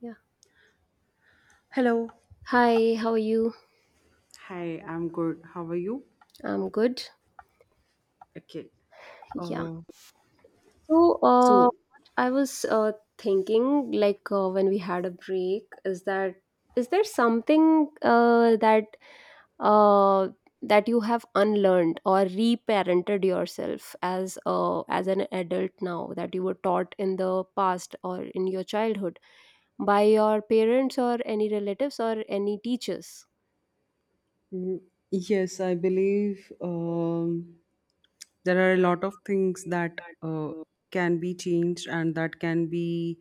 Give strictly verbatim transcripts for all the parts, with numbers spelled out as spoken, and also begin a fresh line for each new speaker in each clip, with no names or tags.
Yeah.
Hello.
Hi, how are you?
Hi, I'm good. How are you?
I'm good.
Okay.
Yeah.
Uh,
So, uh,
So,
what I was uh, thinking, like uh, when we had a break, is that is there something uh, that uh, that you have unlearned or reparented yourself as uh, as an adult now that you were taught in the past or in your childhood by your parents or any relatives or any teachers?
mm, yes, I believe
Um,
um, there are a
there are.
lot of things that uh, can be changed and that can be,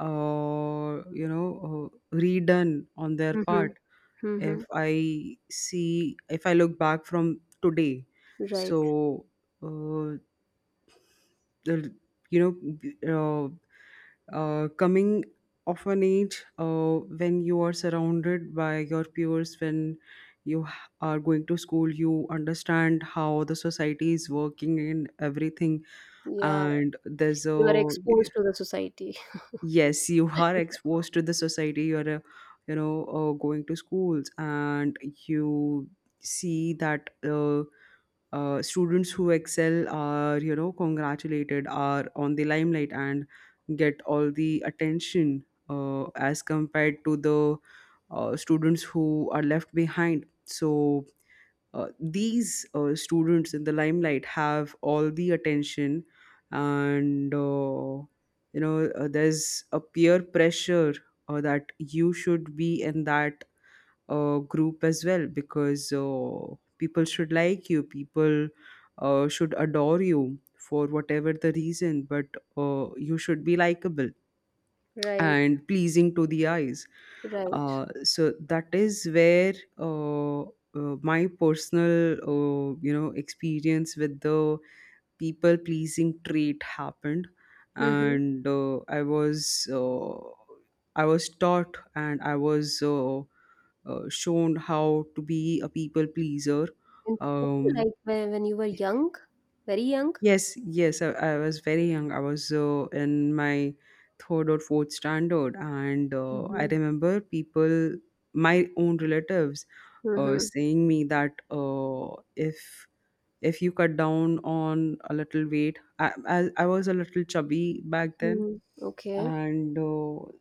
uh, you know, uh, redone on their
Mm-hmm.
part.
Mm-hmm.
If I see, if I look back from today,
Right.
so uh, uh, you know uh, uh, coming of an age uh, when you are surrounded by your peers, when you h- are going to school, you understand how the society is working and everything,
Yeah.
and there's a
You are exposed to the society.
yes, you are exposed to the society. You're a, you know uh, Going to schools, and you see that Uh, uh, students who excel are, you know congratulated, are on the limelight and get all the attention uh, as compared to the uh, students who are left behind. So uh, these uh, students in the limelight have all the attention. And uh, you know uh, there's a peer pressure uh, that you should be in that uh, group as well, because uh, people should like you, people uh, should adore you for whatever the reason. But uh, you should be likable
Right,
and pleasing to the eyes.
right.
Uh, so that is where uh, uh, my personal, uh, you know experience with the people pleasing trait happened.
Mm-hmm.
And uh, I was uh, I was taught, and I was uh, uh, shown how to be a people pleaser.
In school,
Um,
like when, when you were young, very young.
yes, yes, I, I was very young. I was uh, in my third or fourth standard, and uh, I
Mm-hmm.
remember people, my own relatives, uh,
Mm-hmm.
saying me that uh, if if you cut down on a little weight. I, I, I was a little chubby back then,
mm Okay.
and uh,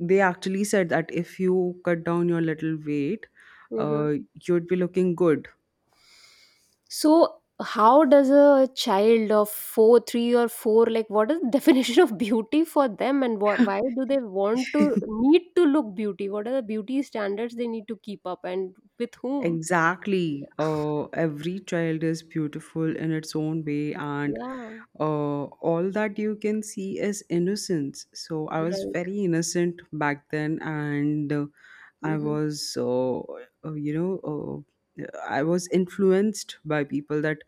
they actually said that if you cut down your little weight,
Mm-hmm.
uh, you'd be looking good.
So, how does a child of four, three or four, like what is the definition of beauty for them, and wh- why do they want to need to look beauty? What are the beauty standards they need to keep up, and with whom?
Exactly. Uh, every child is beautiful in its own way, and
Yeah.
uh, all that you can see is innocence. So I was
Right.
very innocent back then, and uh, I
Mm-hmm.
was, uh, uh, you know, uh, I was influenced by people that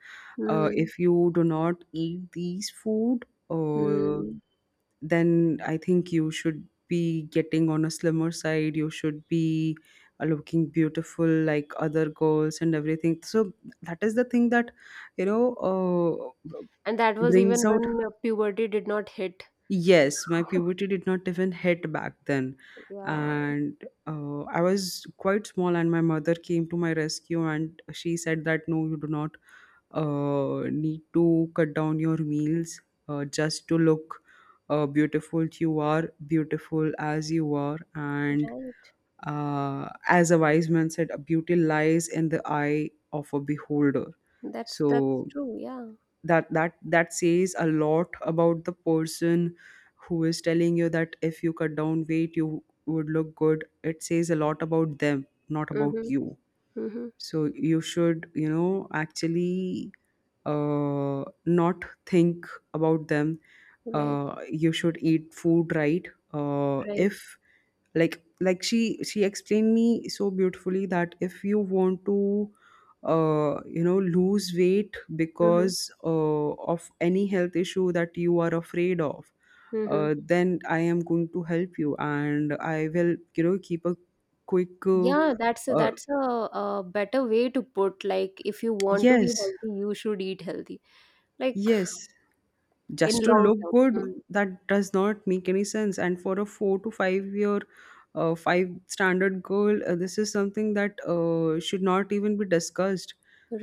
uh, if you do not eat these food. Uh,
Mm-hmm.
then I think you should be getting on a slimmer side. You should be uh, looking beautiful like other girls and everything. So that is the thing that you know uh,
And that was even
brings out.
when uh, puberty did not hit.
Yes, my puberty did not even hit back then,
Yeah,
and uh, I was quite small. And my mother came to my rescue and she said that no, you do not uh, need to cut down your meals uh, just to look uh, beautiful. You are beautiful as you are. And
right.
uh, as a wise man said, beauty lies in the eye of a beholder.
That's that's
So
true. Yeah.
that that that says a lot about the person who is telling you that if you cut down weight, you would look good. It says a lot about them, not about
Mm-hmm,
you.
mm-hmm.
So you should, you know actually, uh, not think about them.
Right,
Uh, you should eat food right. Uh,
right.
if, like like she she explained me so beautifully, that if you want to uh, you know lose weight
Mm-hmm,
because uh, of any health issue that you are afraid of,
mm-hmm.
uh, then I am going to help you, and I will, you know keep a quick uh,
Yeah, that's a,
uh,
that's a, a better way to put, like, if you want to be
yes,
healthy, you should eat healthy, like,
yes,
in
just to
long
look
term.
good.
Mm.
That does not make any sense, and for a four to five year, uh, five standard girl, uh, this is something that uh, should not even be discussed.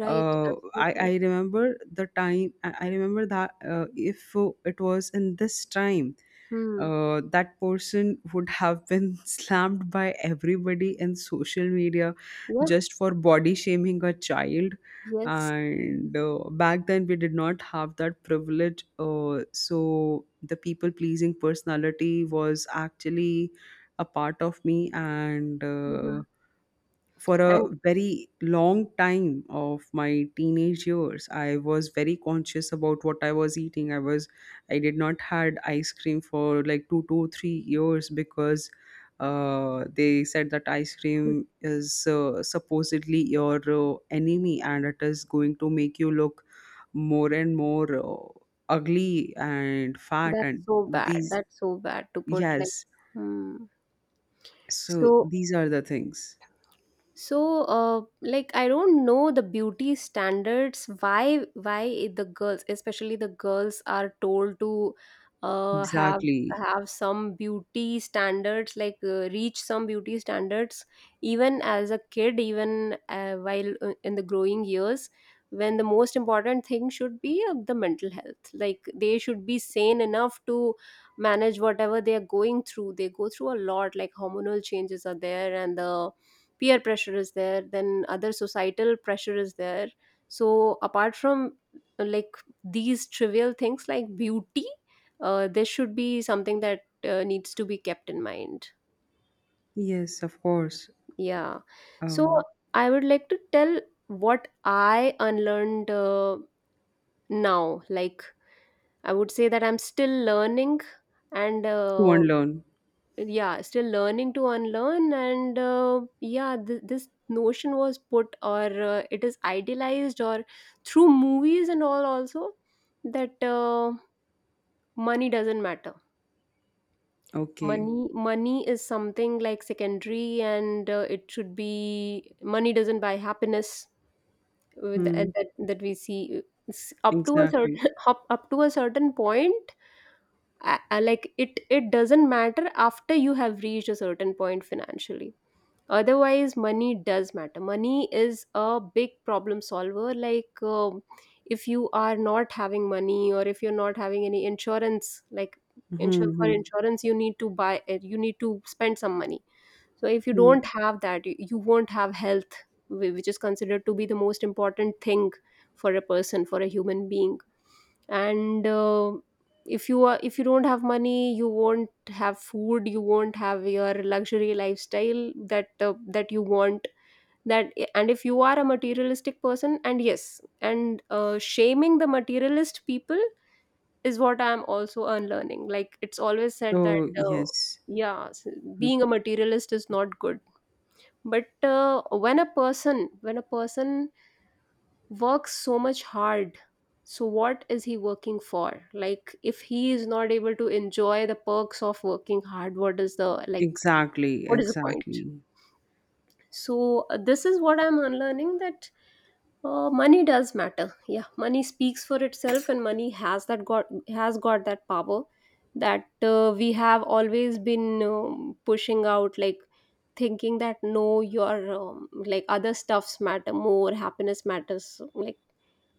Right,
uh, I,
absolutely.
I remember the time, i I remember that uh, if uh, it was in this time,
Hmm.
uh, that person would have been slammed by everybody in social media
Yeah.
just for body shaming a child.
Yes.
And uh, back then, we did not have that privilege. Uh, so, the people pleasing personality was actually a part of me. And
Mm-hmm.
uh, for a
And
very long time of my teenage years, I was very conscious about what I was eating. i was I did not had ice cream for like two to three years, because uh, they said that ice cream is uh, supposedly your uh, enemy, and it is going to make you look more and more uh, ugly and fat,
that's
and
so bad,
these,
that's so bad to put, like.
yes,
Hmm.
so
So
these are the things,
so uh, like, I don't know the beauty standards, why why the girls, especially the girls, are told to uh, have
exactly,
have some beauty standards, like uh, reach some beauty standards even as a kid, even uh, while uh, in the growing years, when the most important thing should be uh, the mental health, like they should be sane enough to manage whatever they are going through. They go through a lot, like hormonal changes are there and the peer pressure is there, then other societal pressure is there. So apart from uh, like these trivial things like beauty, uh, there should be something that uh, needs to be kept in mind.
yes, of course.
Yeah. So
Um,
I would like to tell what I unlearned uh, now, like I would say that I'm still learning, and
to
uh,
unlearn.
yeah, still learning to unlearn. And uh, yeah, th- this notion was put, or uh, it is idealized, or through movies and all also, that uh, money doesn't matter.
Okay.
Money money is something like secondary, and uh, it should be, money doesn't buy happiness with, uh,
Hmm.
that that that we see. It's up to a
Exactly.
certain up, up to a certain point. Uh, uh, like it it doesn't matter after you have reached a certain point financially. Otherwise, money does matter. Money is a big problem solver. Like, um, if you are not having money, or if you're not having any insurance, like, insure
Hmm.
for
Hmm.
insurance, you need to buy, uh, you need to spend some money. So if you
Hmm.
don't have that, you, you won't have health, whi- which is considered to be the most important thing for a person, for a human being. And uh, if you are, if you don't have money, you won't have food, you won't have your luxury lifestyle that uh, that you want, that. And if you are a materialistic person, and yes, and uh, shaming the materialist people is what I'm also unlearning. Like, it's always said that
Oh
uh,
yes.
yeah, s-
Mm,
being a materialist is not good. But uh, when a person, when a person works so much hard, so what is he working for? Like, if he is not able to enjoy the perks of working hard, what is the, like,
exactly.
what is the point?
Exactly.
So uh, this is what I'm unlearning, that uh, money does matter. Yeah, money speaks for itself, and money has that got has got that power that uh, we have always been um, pushing out, like thinking that no, your um, like other stuffs matter more, happiness matters. Like,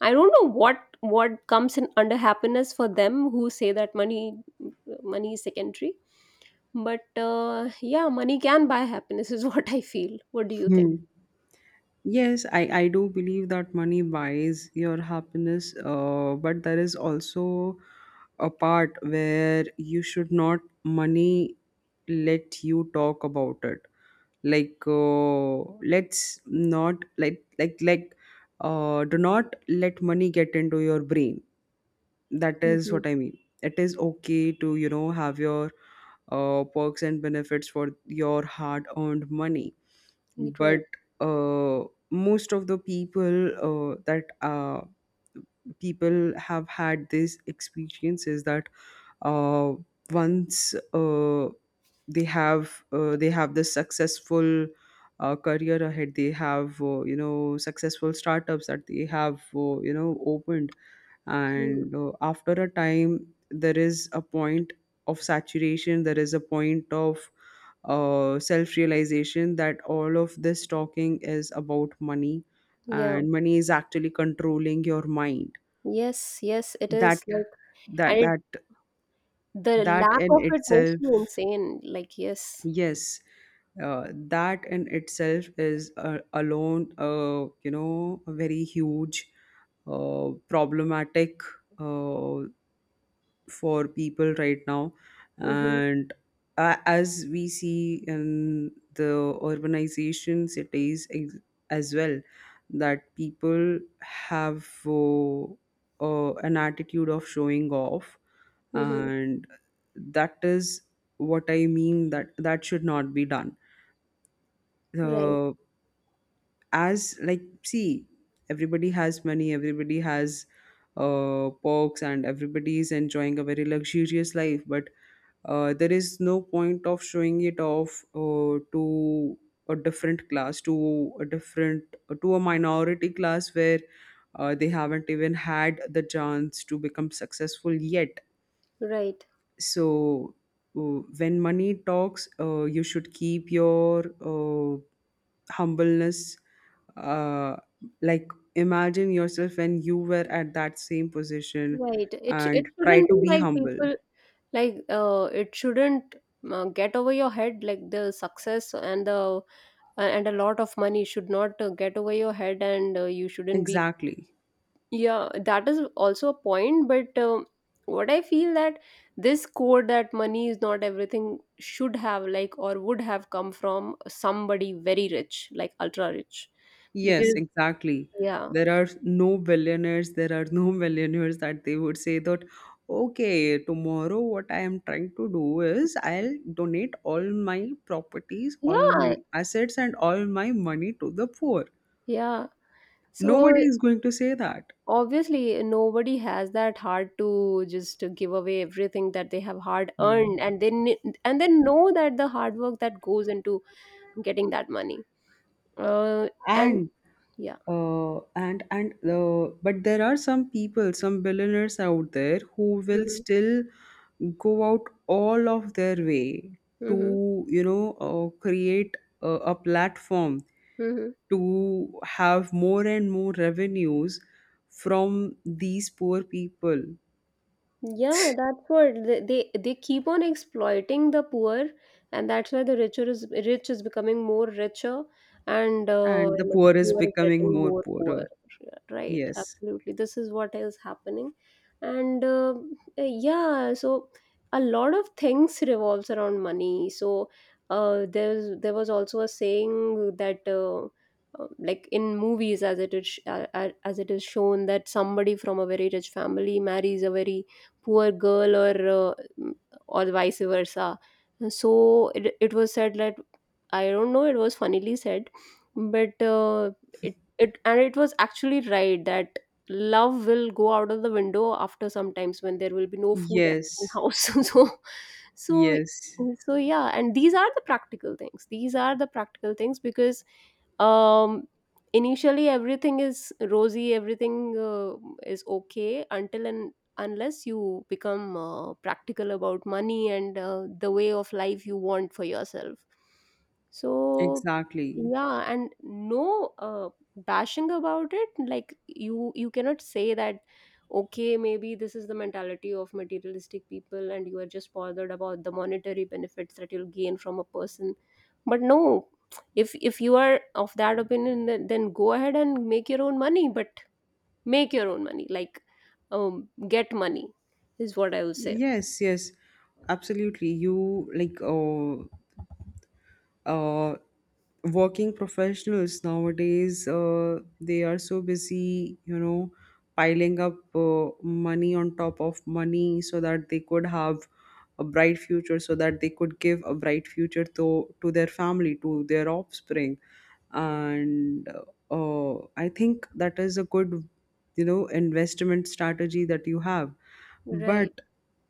I don't know what what comes in under happiness for them who say that money money is secondary. But uh, yeah, money can buy happiness is what I feel. What do you think?
Hmm. Yes, I, I do believe that money buys your happiness, uh, but there is also a part where you should not money let you talk about it. Like, uh, let's not, like like like uh, do not let money get into your brain. That is
Mm-hmm.
what I mean. It is okay to, you know have your uh, perks and benefits for your hard earned money. But
Right.
uh, most of the people, uh, that uh, people have had these experiences that uh, once, uh, they have uh, they have this successful uh, career ahead, they have uh, you know successful startups that they have uh, you know opened.
Hmm.
And uh, after a time, there is a point of saturation, there is a point of uh, self realization that all of this talking is about money,
Yeah.
and money is actually controlling your mind.
Yes. Yes, it
that
is, like, and
that
it,
that
the
that
lack
in
of it makes
itself
you insane, like, yes.
yes, uh, that in itself is uh, alone, uh, you know a very huge uh, problematic, uh, for people right now.
Mm-hmm.
And uh, as we see in the urbanization cities, ex- as well, that people have uh, uh, an attitude of showing off.
Mm-hmm.
And that is what I mean, that that should not be done.
Right,
uh, as like, see, everybody has money, everybody has uh, perks, and everybody is enjoying a very luxurious life. But uh, there is no point of showing it off uh, to a different class, to a different, uh, to a minority class, where uh, they haven't even had the chance to become successful yet.
right.
So uh, when money talks, uh, you should keep your uh, humbleness, uh, like, imagine yourself when you were at that same position,
Right. It sh- it
and try
shouldn't
to
be
be
like
humble,
people. Like, uh, it shouldn't uh, get over your head, like the success and the uh, and a lot of money should not uh, get over your head, and uh, you shouldn't be.
exactly.
Yeah, that is also a point. But um, what I feel that this code that money is not everything should have, like, or would have come from somebody very rich, like ultra rich.
Yes,
Because
exactly.
yeah.
There are no billionaires, there are no millionaires that they would say that, okay, tomorrow what I am trying to do is I'll donate all my properties, all
Yeah.
my assets, and all my money to the poor.
Yeah, so
Nobody is going to say that.
obviously nobody has that heart to just to give away everything that they have hard
Hmm.
earned. And then, and they know that the hard work that goes into getting that money uh, and.
and
Yeah.
uh, and and uh, But there are some people, some billionaires out there, who will still go out all of their way to,
Hmm.
you know uh, create a, a platform
Hmm.
to have more and more revenues from these poor people.
Yeah, that's what they, they they keep on exploiting the poor, and that's why the richer is rich is becoming more richer, and uh,
And the
like the
poor is
poor is getting
becoming more
more poor.
poorer.
Yeah, right,
Yes,
absolutely. This is what is happening, and uh, yeah, so a lot of things revolves around money. So uh, there's, there was also a saying that. Uh, uh, like, in movies, as it is sh- uh, uh, as it is shown, that somebody from a very rich family marries a very poor girl, or uh, or vice versa. So it, it was said that, I don't know, it was funnily said, but uh, it, it, and it was actually right that love will go out of the window after sometimes when there will be no food at the
yes,
house. So, so,
yes,
so yeah, and these are the practical things. These are the practical things, because um, initially everything is rosy, everything uh, is okay until and unless you become uh, practical about money, and uh, the way of life you want for yourself. So
exactly.
yeah, and no uh, bashing about it. Like, you you cannot say that okay, maybe this is the mentality of materialistic people, and you are just bothered about the monetary benefits that you'll gain from a person. But no, if if you are of that opinion, then then go ahead and make your own money. But make your own money, like, um, get money, is what I would say.
Yes, yes, absolutely. You like, uh, uh, working professionals nowadays, uh, they are so busy, you know piling up uh, money on top of money, so that they could have a bright future, so that they could give a bright future to to their family, to their offspring. And uh, I think that is a good, you know investment strategy that you have.
Right,
But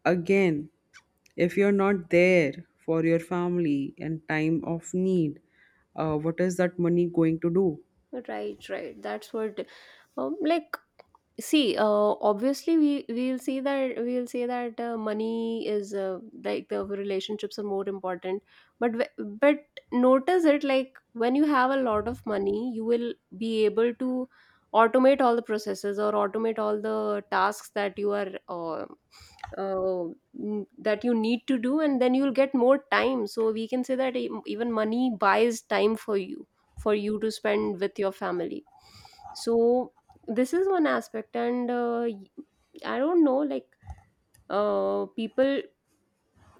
again, if you're not there for your family in time of need, uh, what is that money going to do?
right, right. That's what, um, like, see, uh, obviously, we we'll see that, we'll say that uh, money is uh, like the relationships are more important. But w- but notice it, like when you have a lot of money, you will be able to automate all the processes, or automate all the tasks that you are uh, uh, n- that you need to do, and then you'll get more time. So we can say that e- even money buys time for you, for you to spend with your family. So this is one aspect, and uh, y- I don't know, like, uh, people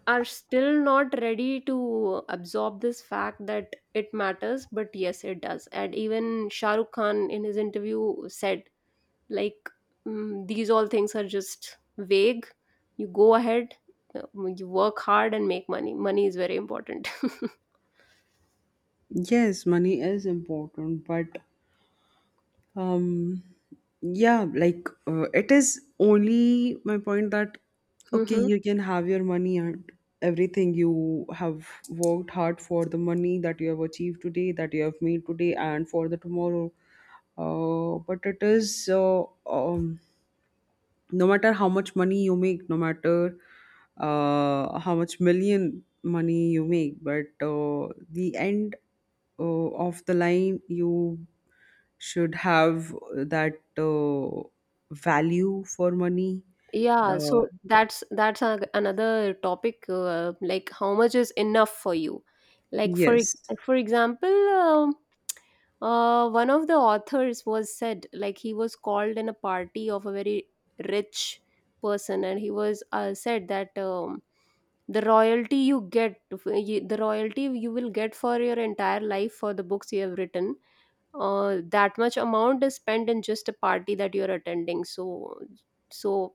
are still not ready to absorb this fact that it matters, but yes it does. And even Shah Rukh Khan in his interview said, like, mm, these all things are just vague. You go ahead, uh, you work hard and make money. Money is very important.
Yes, money is important, but um yeah, like, uh, it is only my point that okay, you can have your money, and everything you have worked hard for, the money that you have achieved today, that you have made today and for the tomorrow, uh, but it is uh, um, no matter how much money you make, no matter uh, how much million money you make, but uh, the end uh, of the line, you should have that uh, value for money.
Yeah,
uh,
so that's that's a, another topic, uh, like how much is enough for you. Like for e-
yes,
for example, um, uh, one of the authors was said, like he was called in a party of a very rich person, and he was uh, said that um, the royalty you get f- y- the royalty you will get for your entire life for the books you have written, uh, that much amount is spent in just a party that you're attending. So, so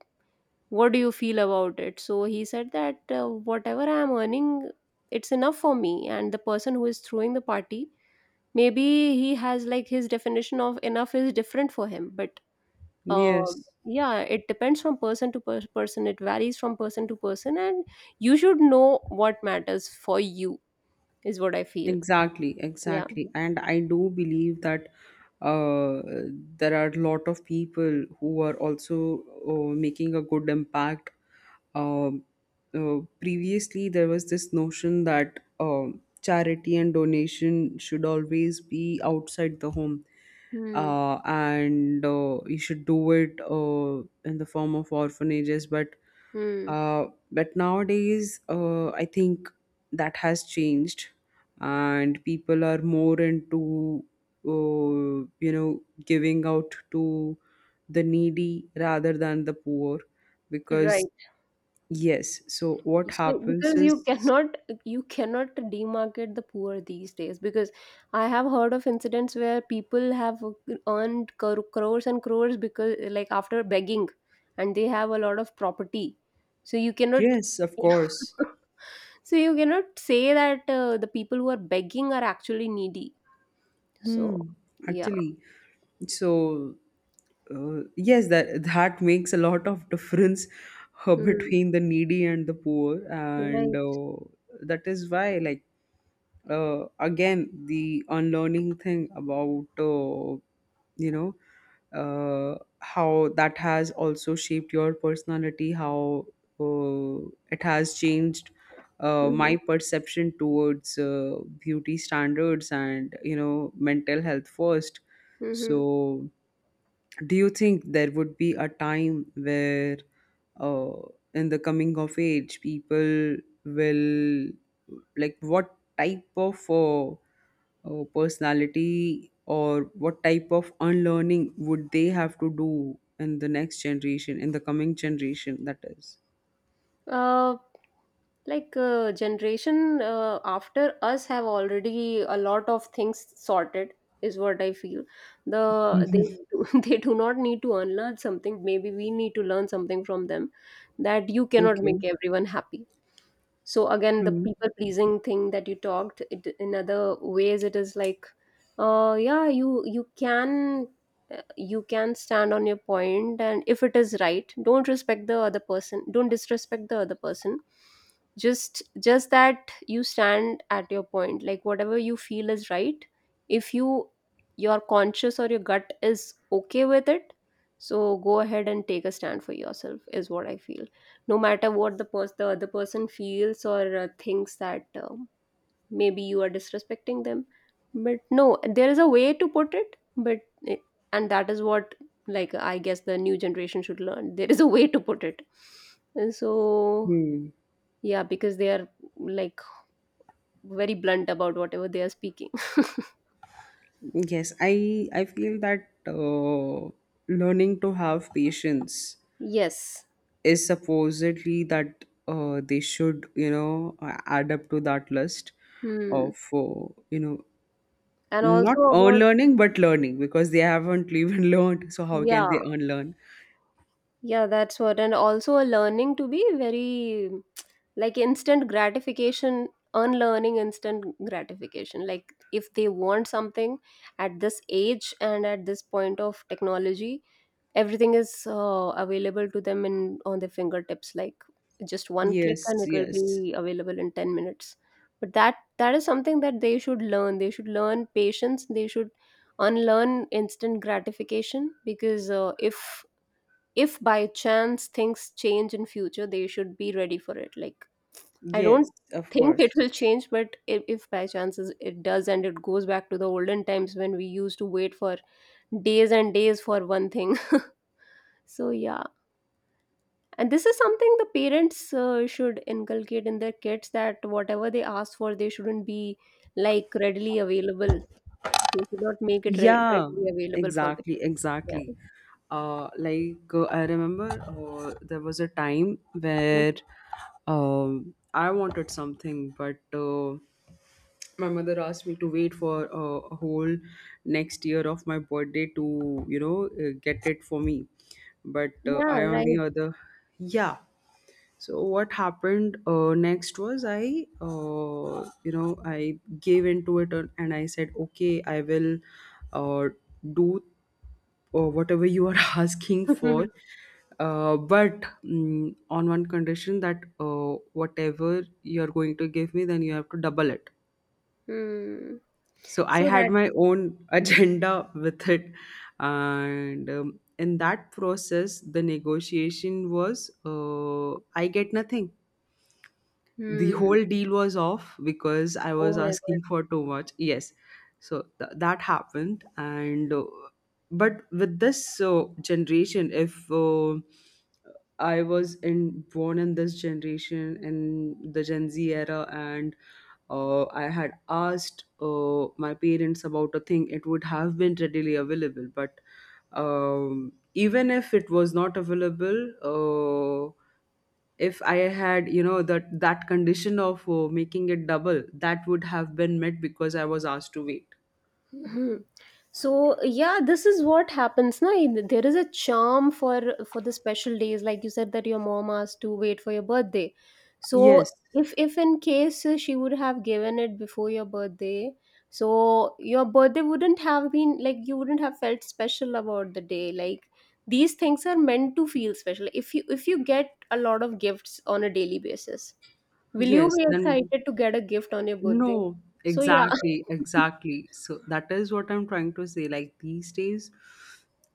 what do you feel about it? So he said that uh, whatever I am earning, it's enough for me, and the person who is throwing the party, maybe he has, like, his definition of enough is different for him. But um
yes,
yeah, it depends from person to per- person, it varies from person to person, and you should know what matters for you, is what I feel.
exactly,
Yeah.
exactly, and I do believe that uh, there are a lot of people who are also uh, making a good impact. um, uh, Previously there was this notion that um, charity and donation should always be outside the home.
Hmm.
Uh, and uh, you should do it uh, in the form of orphanages. But
Hmm.
uh, but nowadays uh, I think that has changed, and people are more into, uh, you know giving out to the needy rather than the poor, because
Right.
Yes. So what
So
happens
because you
is,
cannot, you cannot demarket the poor these days, because I have heard of incidents where people have earned cro- crores and crores because, like, after begging, and they have a lot of property. So you cannot
yes, of course.
so you cannot say that uh, the people who are begging are actually needy. So
Hmm.
yeah.
Actually, so uh, yes, that that makes a lot of difference uh,
Mm.
between the needy and the poor. And
Right.
uh, that is why, like, uh, again, the unlearning thing about, uh, you know uh, how that has also shaped your personality, how uh, it has changed uh,
Hmm.
my perception towards uh, beauty standards, and, you know mental health first.
Hmm.
So do you think there would be a time where uh, in the coming of age, people will, like, what type of uh, uh, personality, or what type of unlearning would they have to do in the next generation, in the coming generation, that is
Uh, like uh, generation uh, after us have already a lot of things sorted is what I feel the they
Mhm.
they do not need to unlearn something. Maybe we need to learn something from them, that you cannot
Okay.
make everyone happy. So again, the
Hmm.
people pleasing thing that you talked it, in other ways it is like uh yeah, you you can uh, you can stand on your point, and if it is right, don't respect the other person, don't disrespect the other person. Just just that you stand at your point, like whatever you feel is right. If you, your conscious or your gut is okay with it, so go ahead and take a stand for yourself is what I feel. No matter what the pers- the other person feels or uh, thinks that uh, maybe you are disrespecting them. But no, there is a way to put it but it, and that is what, like I guess the new generation should learn, there is a way to put it. And so
Hmm.
yeah, because they are, like, very blunt about whatever they are speaking.
Yes, I I feel that uh, learning to have patience
Yes.
is supposedly that uh, they should you know a- add up to that list
Hmm.
of uh, you know
And
not
also
earn
about
learning but learning because they haven't even learned. So how can
yeah.
they earn learn?
Yeah, that's what. And also a learning to be very, like, instant gratification, unlearning instant gratification. Like if they want something at this age and at this point of technology, everything is uh, available to them in on their fingertips. Like just one click and
Yes,
it will
yes,
be available in ten minutes. But that that is something that they should learn. They should learn patience. They should unlearn instant gratification because uh, if if by chance things change in future they should be ready for it, like I don't
yes. Of
think it
course.
will change but if, if by chances it does and it goes back to the olden times when we used to wait for days and days for one thing. So yeah, and this is something the parents uh, should inculcate in their kids, that whatever they ask for they shouldn't be like readily available. They should not make it re-
Yeah,
readily available for the
exactly,
kids. Yeah.
exactly. Uh, like, uh, I remember, uh, there was a time
Mhm.
where um, I wanted something, but uh, my mother asked me to wait for uh, a whole next year of my birthday to, you know, uh, get it for me. But uh,
Yeah.
I, on the other, yeah, so what happened uh, next was I uh, you know I gave into it, and and I said, okay, I will uh, do uh, whatever you are asking
Right.
for, uh, but mm, on one condition that uh, whatever you're going to give me then you have to double it.
Hmm.
So I
So
had
that.
my own agenda with it. And um, In that process the negotiation was, uh, I get nothing. The
Hmm.
whole deal was off because I
Oh
was
my God.
asking for too much. Yes, so th- that happened, and uh, but with this uh, generation, if, uh, I was in born in this generation in the Gen Z era, and uh, I had asked uh, my parents about a thing, it would have been readily available. But um, even if it was not available, uh, if I had, you know, that that condition of uh, making it double, that would have been met because I was asked to wait.
Mhm. So yeah, this is what happens. Na, there is a charm for for the special days, like you said that your mom asked to wait for your birthday. So
Yes.
if if in case uh, she would have given it before your birthday, so your birthday wouldn't have been like, you wouldn't have felt special about the day. Like these things are meant to feel special. If you if you get a lot of gifts on a daily basis, will you
Yes
be
then
excited to get a gift on your birthday?
no,
So yeah.
exactly, exactly. So that is what I'm trying to say, like these days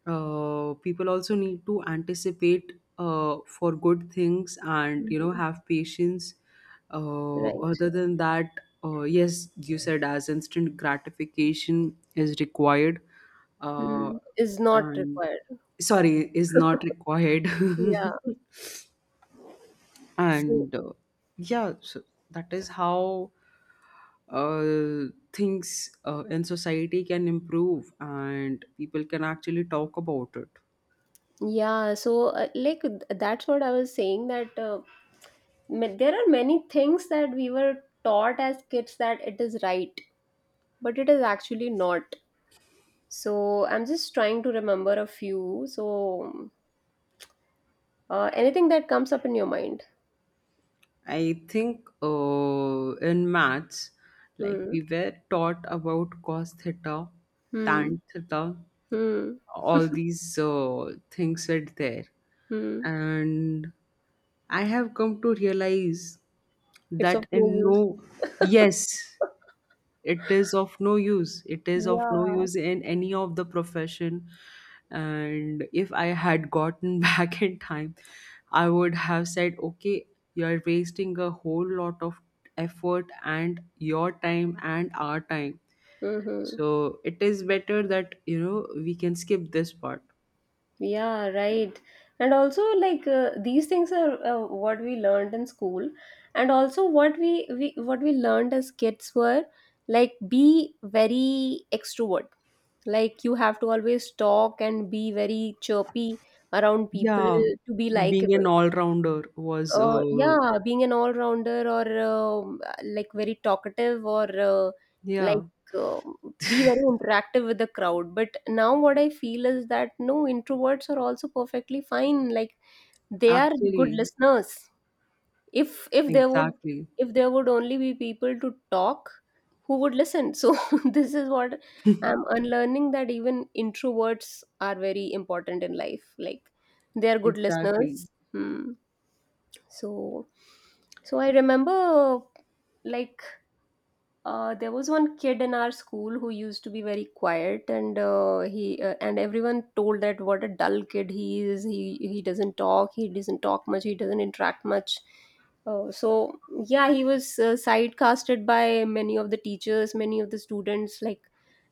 uh, people also need to anticipate uh, for good things and, you know,
Mhm.
have patience. Uh,
Right.
other than that, uh, yes, you said as instant gratification is required, uh,
Mm. Is not
and
required.
sorry, is not required.
Yeah. So
and uh, Yeah, so that is how uh, things uh, in society can improve and people can actually talk about it.
yeah, so uh, like th- that's what I was saying, that uh, ma- there are many things that we were taught as kids that it is right, but it is actually not. So I'm just trying to remember a few. So uh, anything that comes up in your mind.
I think uh, in maths, like
Hmm.
we were taught about cos theta,
Hmm.
tan theta,
Hmm.
all these uh, things were there.
Hmm.
And I have come to realize
It's of
that
no
in
use.
no, yes, it is of no use. It is of no
Yeah.
use in any of the profession. And if I had gotten back in time, I would have said, okay, you're wasting a whole lot of effort and your time and our time.
Mm-hmm.
So it is better that, you know, we can skip this part.
Yeah, right. And also, like uh, these things are uh, what we learned in school, and also what we, we what we learned as kids were like be very extrovert. Like you have to always talk and be very chirpy around people
Yeah,
to be
being
likable.
an all-rounder was
Uh,
uh
yeah, being an all-rounder or um, like very talkative or uh, like
yeah.
um, be very interactive with the crowd. But now what I feel is that no, introverts are also perfectly fine. Like they are good
Actually,
listeners. If if there would
exactly,
if there would only be people to talk, who would listen? So this is what I'm unlearning, that even introverts are very important in life, like they are good
exactly,
listeners. Hmm. So so I remember, like, uh, there was one kid in our school who used to be very quiet and uh, he uh, and everyone told that what a dull kid he is, he he doesn't talk, he doesn't talk much, he doesn't interact much. Uh, so yeah, he was uh, sidecasted by many of the teachers, many of the students, like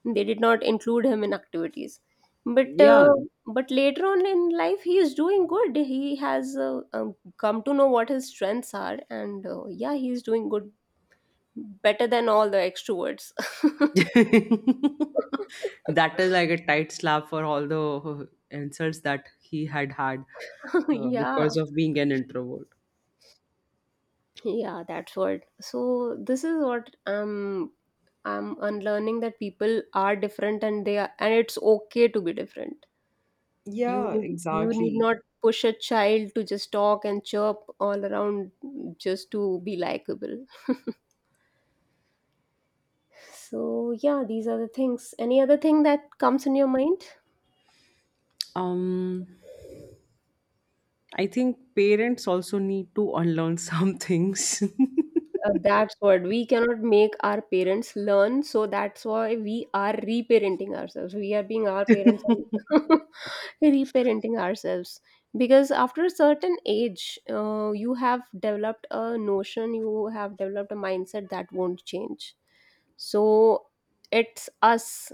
they did not include him in activities. but
yeah.
uh, but later on in life he is doing good, he has uh, um, come to know what his strengths are, and uh, yeah, he is doing good, better than all the extroverts.
That is like a tight slap for all the insults that he had had uh,
Yeah.
because of being an introvert.
Yeah, that's what. So this is what um, I'm unlearning, that people are different, and they are, and it's okay to be different. You
Yeah,
need, you need
exactly.
not push a child to just talk and chirp all around just to be likable. So yeah, these are the things. Any other thing that comes in your mind?
Um, I think parents also need to unlearn some things.
Uh, that's what, we cannot make our parents learn, so that's why we are reparenting ourselves. We are being our parents and reparenting ourselves, because after a certain age, uh, you have developed a notion, you have developed a mindset that won't change. So it's us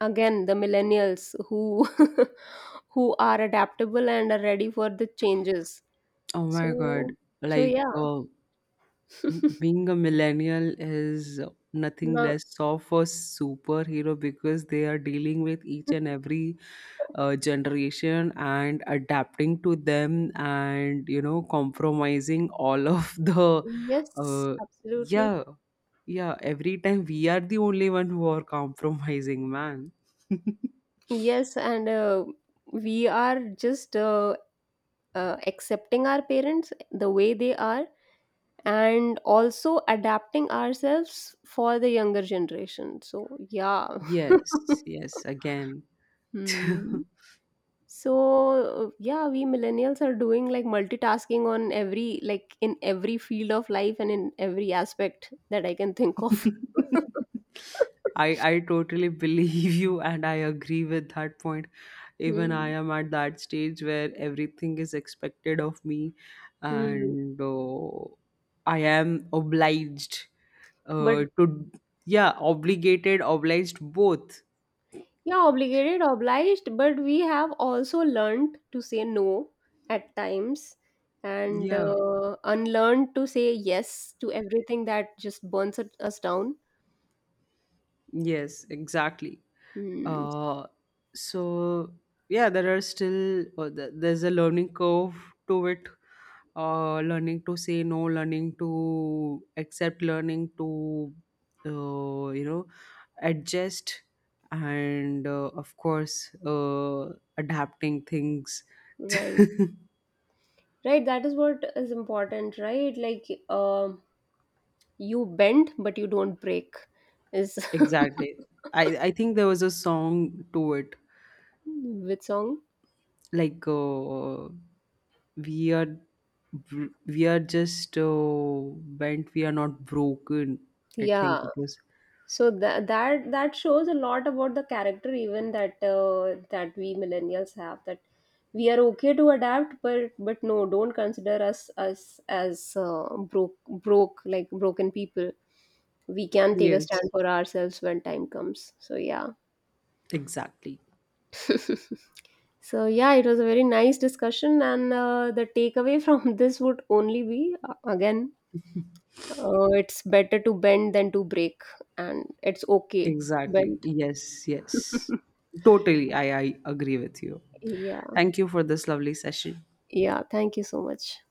again, the millennials who who are adaptable and are ready for the changes.
Oh my God.
So so
Like,
yeah,
uh, being a millennial is nothing
now.
less of a superhero because they are dealing with each and every uh, generation and adapting to them and, you know, compromising all of the
Yes,
uh,
absolutely.
yeah. Yeah, every time we are the only one who are compromising, man.
Yes, and uh, we are just uh, uh, accepting our parents the way they are, and also adapting ourselves for the younger generation. So, yeah.
Yes, yes again.
Hmm. So, uh, yeah, we millennials are doing like multitasking on every, like in every field of life and in every aspect that I can think of.
I I totally believe you and I agree with that point. Even I
Hmm.
am at that stage where everything is expected of me,
Hmm.
and uh, I am obliged
But
uh, to, yeah, obligated, obliged, both.
yeah, obligated, obliged, but we have also learned to say no at times, and
Yeah.
uh, unlearned to say yes to everything that just burns it- us down.
Yes, exactly.
Hmm,
Uh, so yeah, there are still uh, th- there's a learning curve to it. Uh, learning to say no, learning to accept, learning to uh, you know, adjust, and uh, of course, uh, adapting things.
right. Right, that is what is important, right? Like um, you bend but you don't break is,
Exactly. I I think there was a song to it,
with song?
like. Uh, we are br- we are just, uh, bent, we are not broken, I think
Yeah.
it was.
So that that that shows a lot about the character even, that uh, that we millennials have, that we are okay to adapt but but no, don't consider us us as uh, broke broke like broken people. We can take a stand
Yes,
for ourselves when time comes, so yeah.
exactly,
So yeah, it was a very nice discussion, and uh, the takeaway from this would only be uh, again uh, it's better to bend than to break, and it's okay to
exactly.
bend.
Yes, yes, totally, i i agree with you.
Yeah.
Thank you for this lovely session.
Yeah, thank you so much.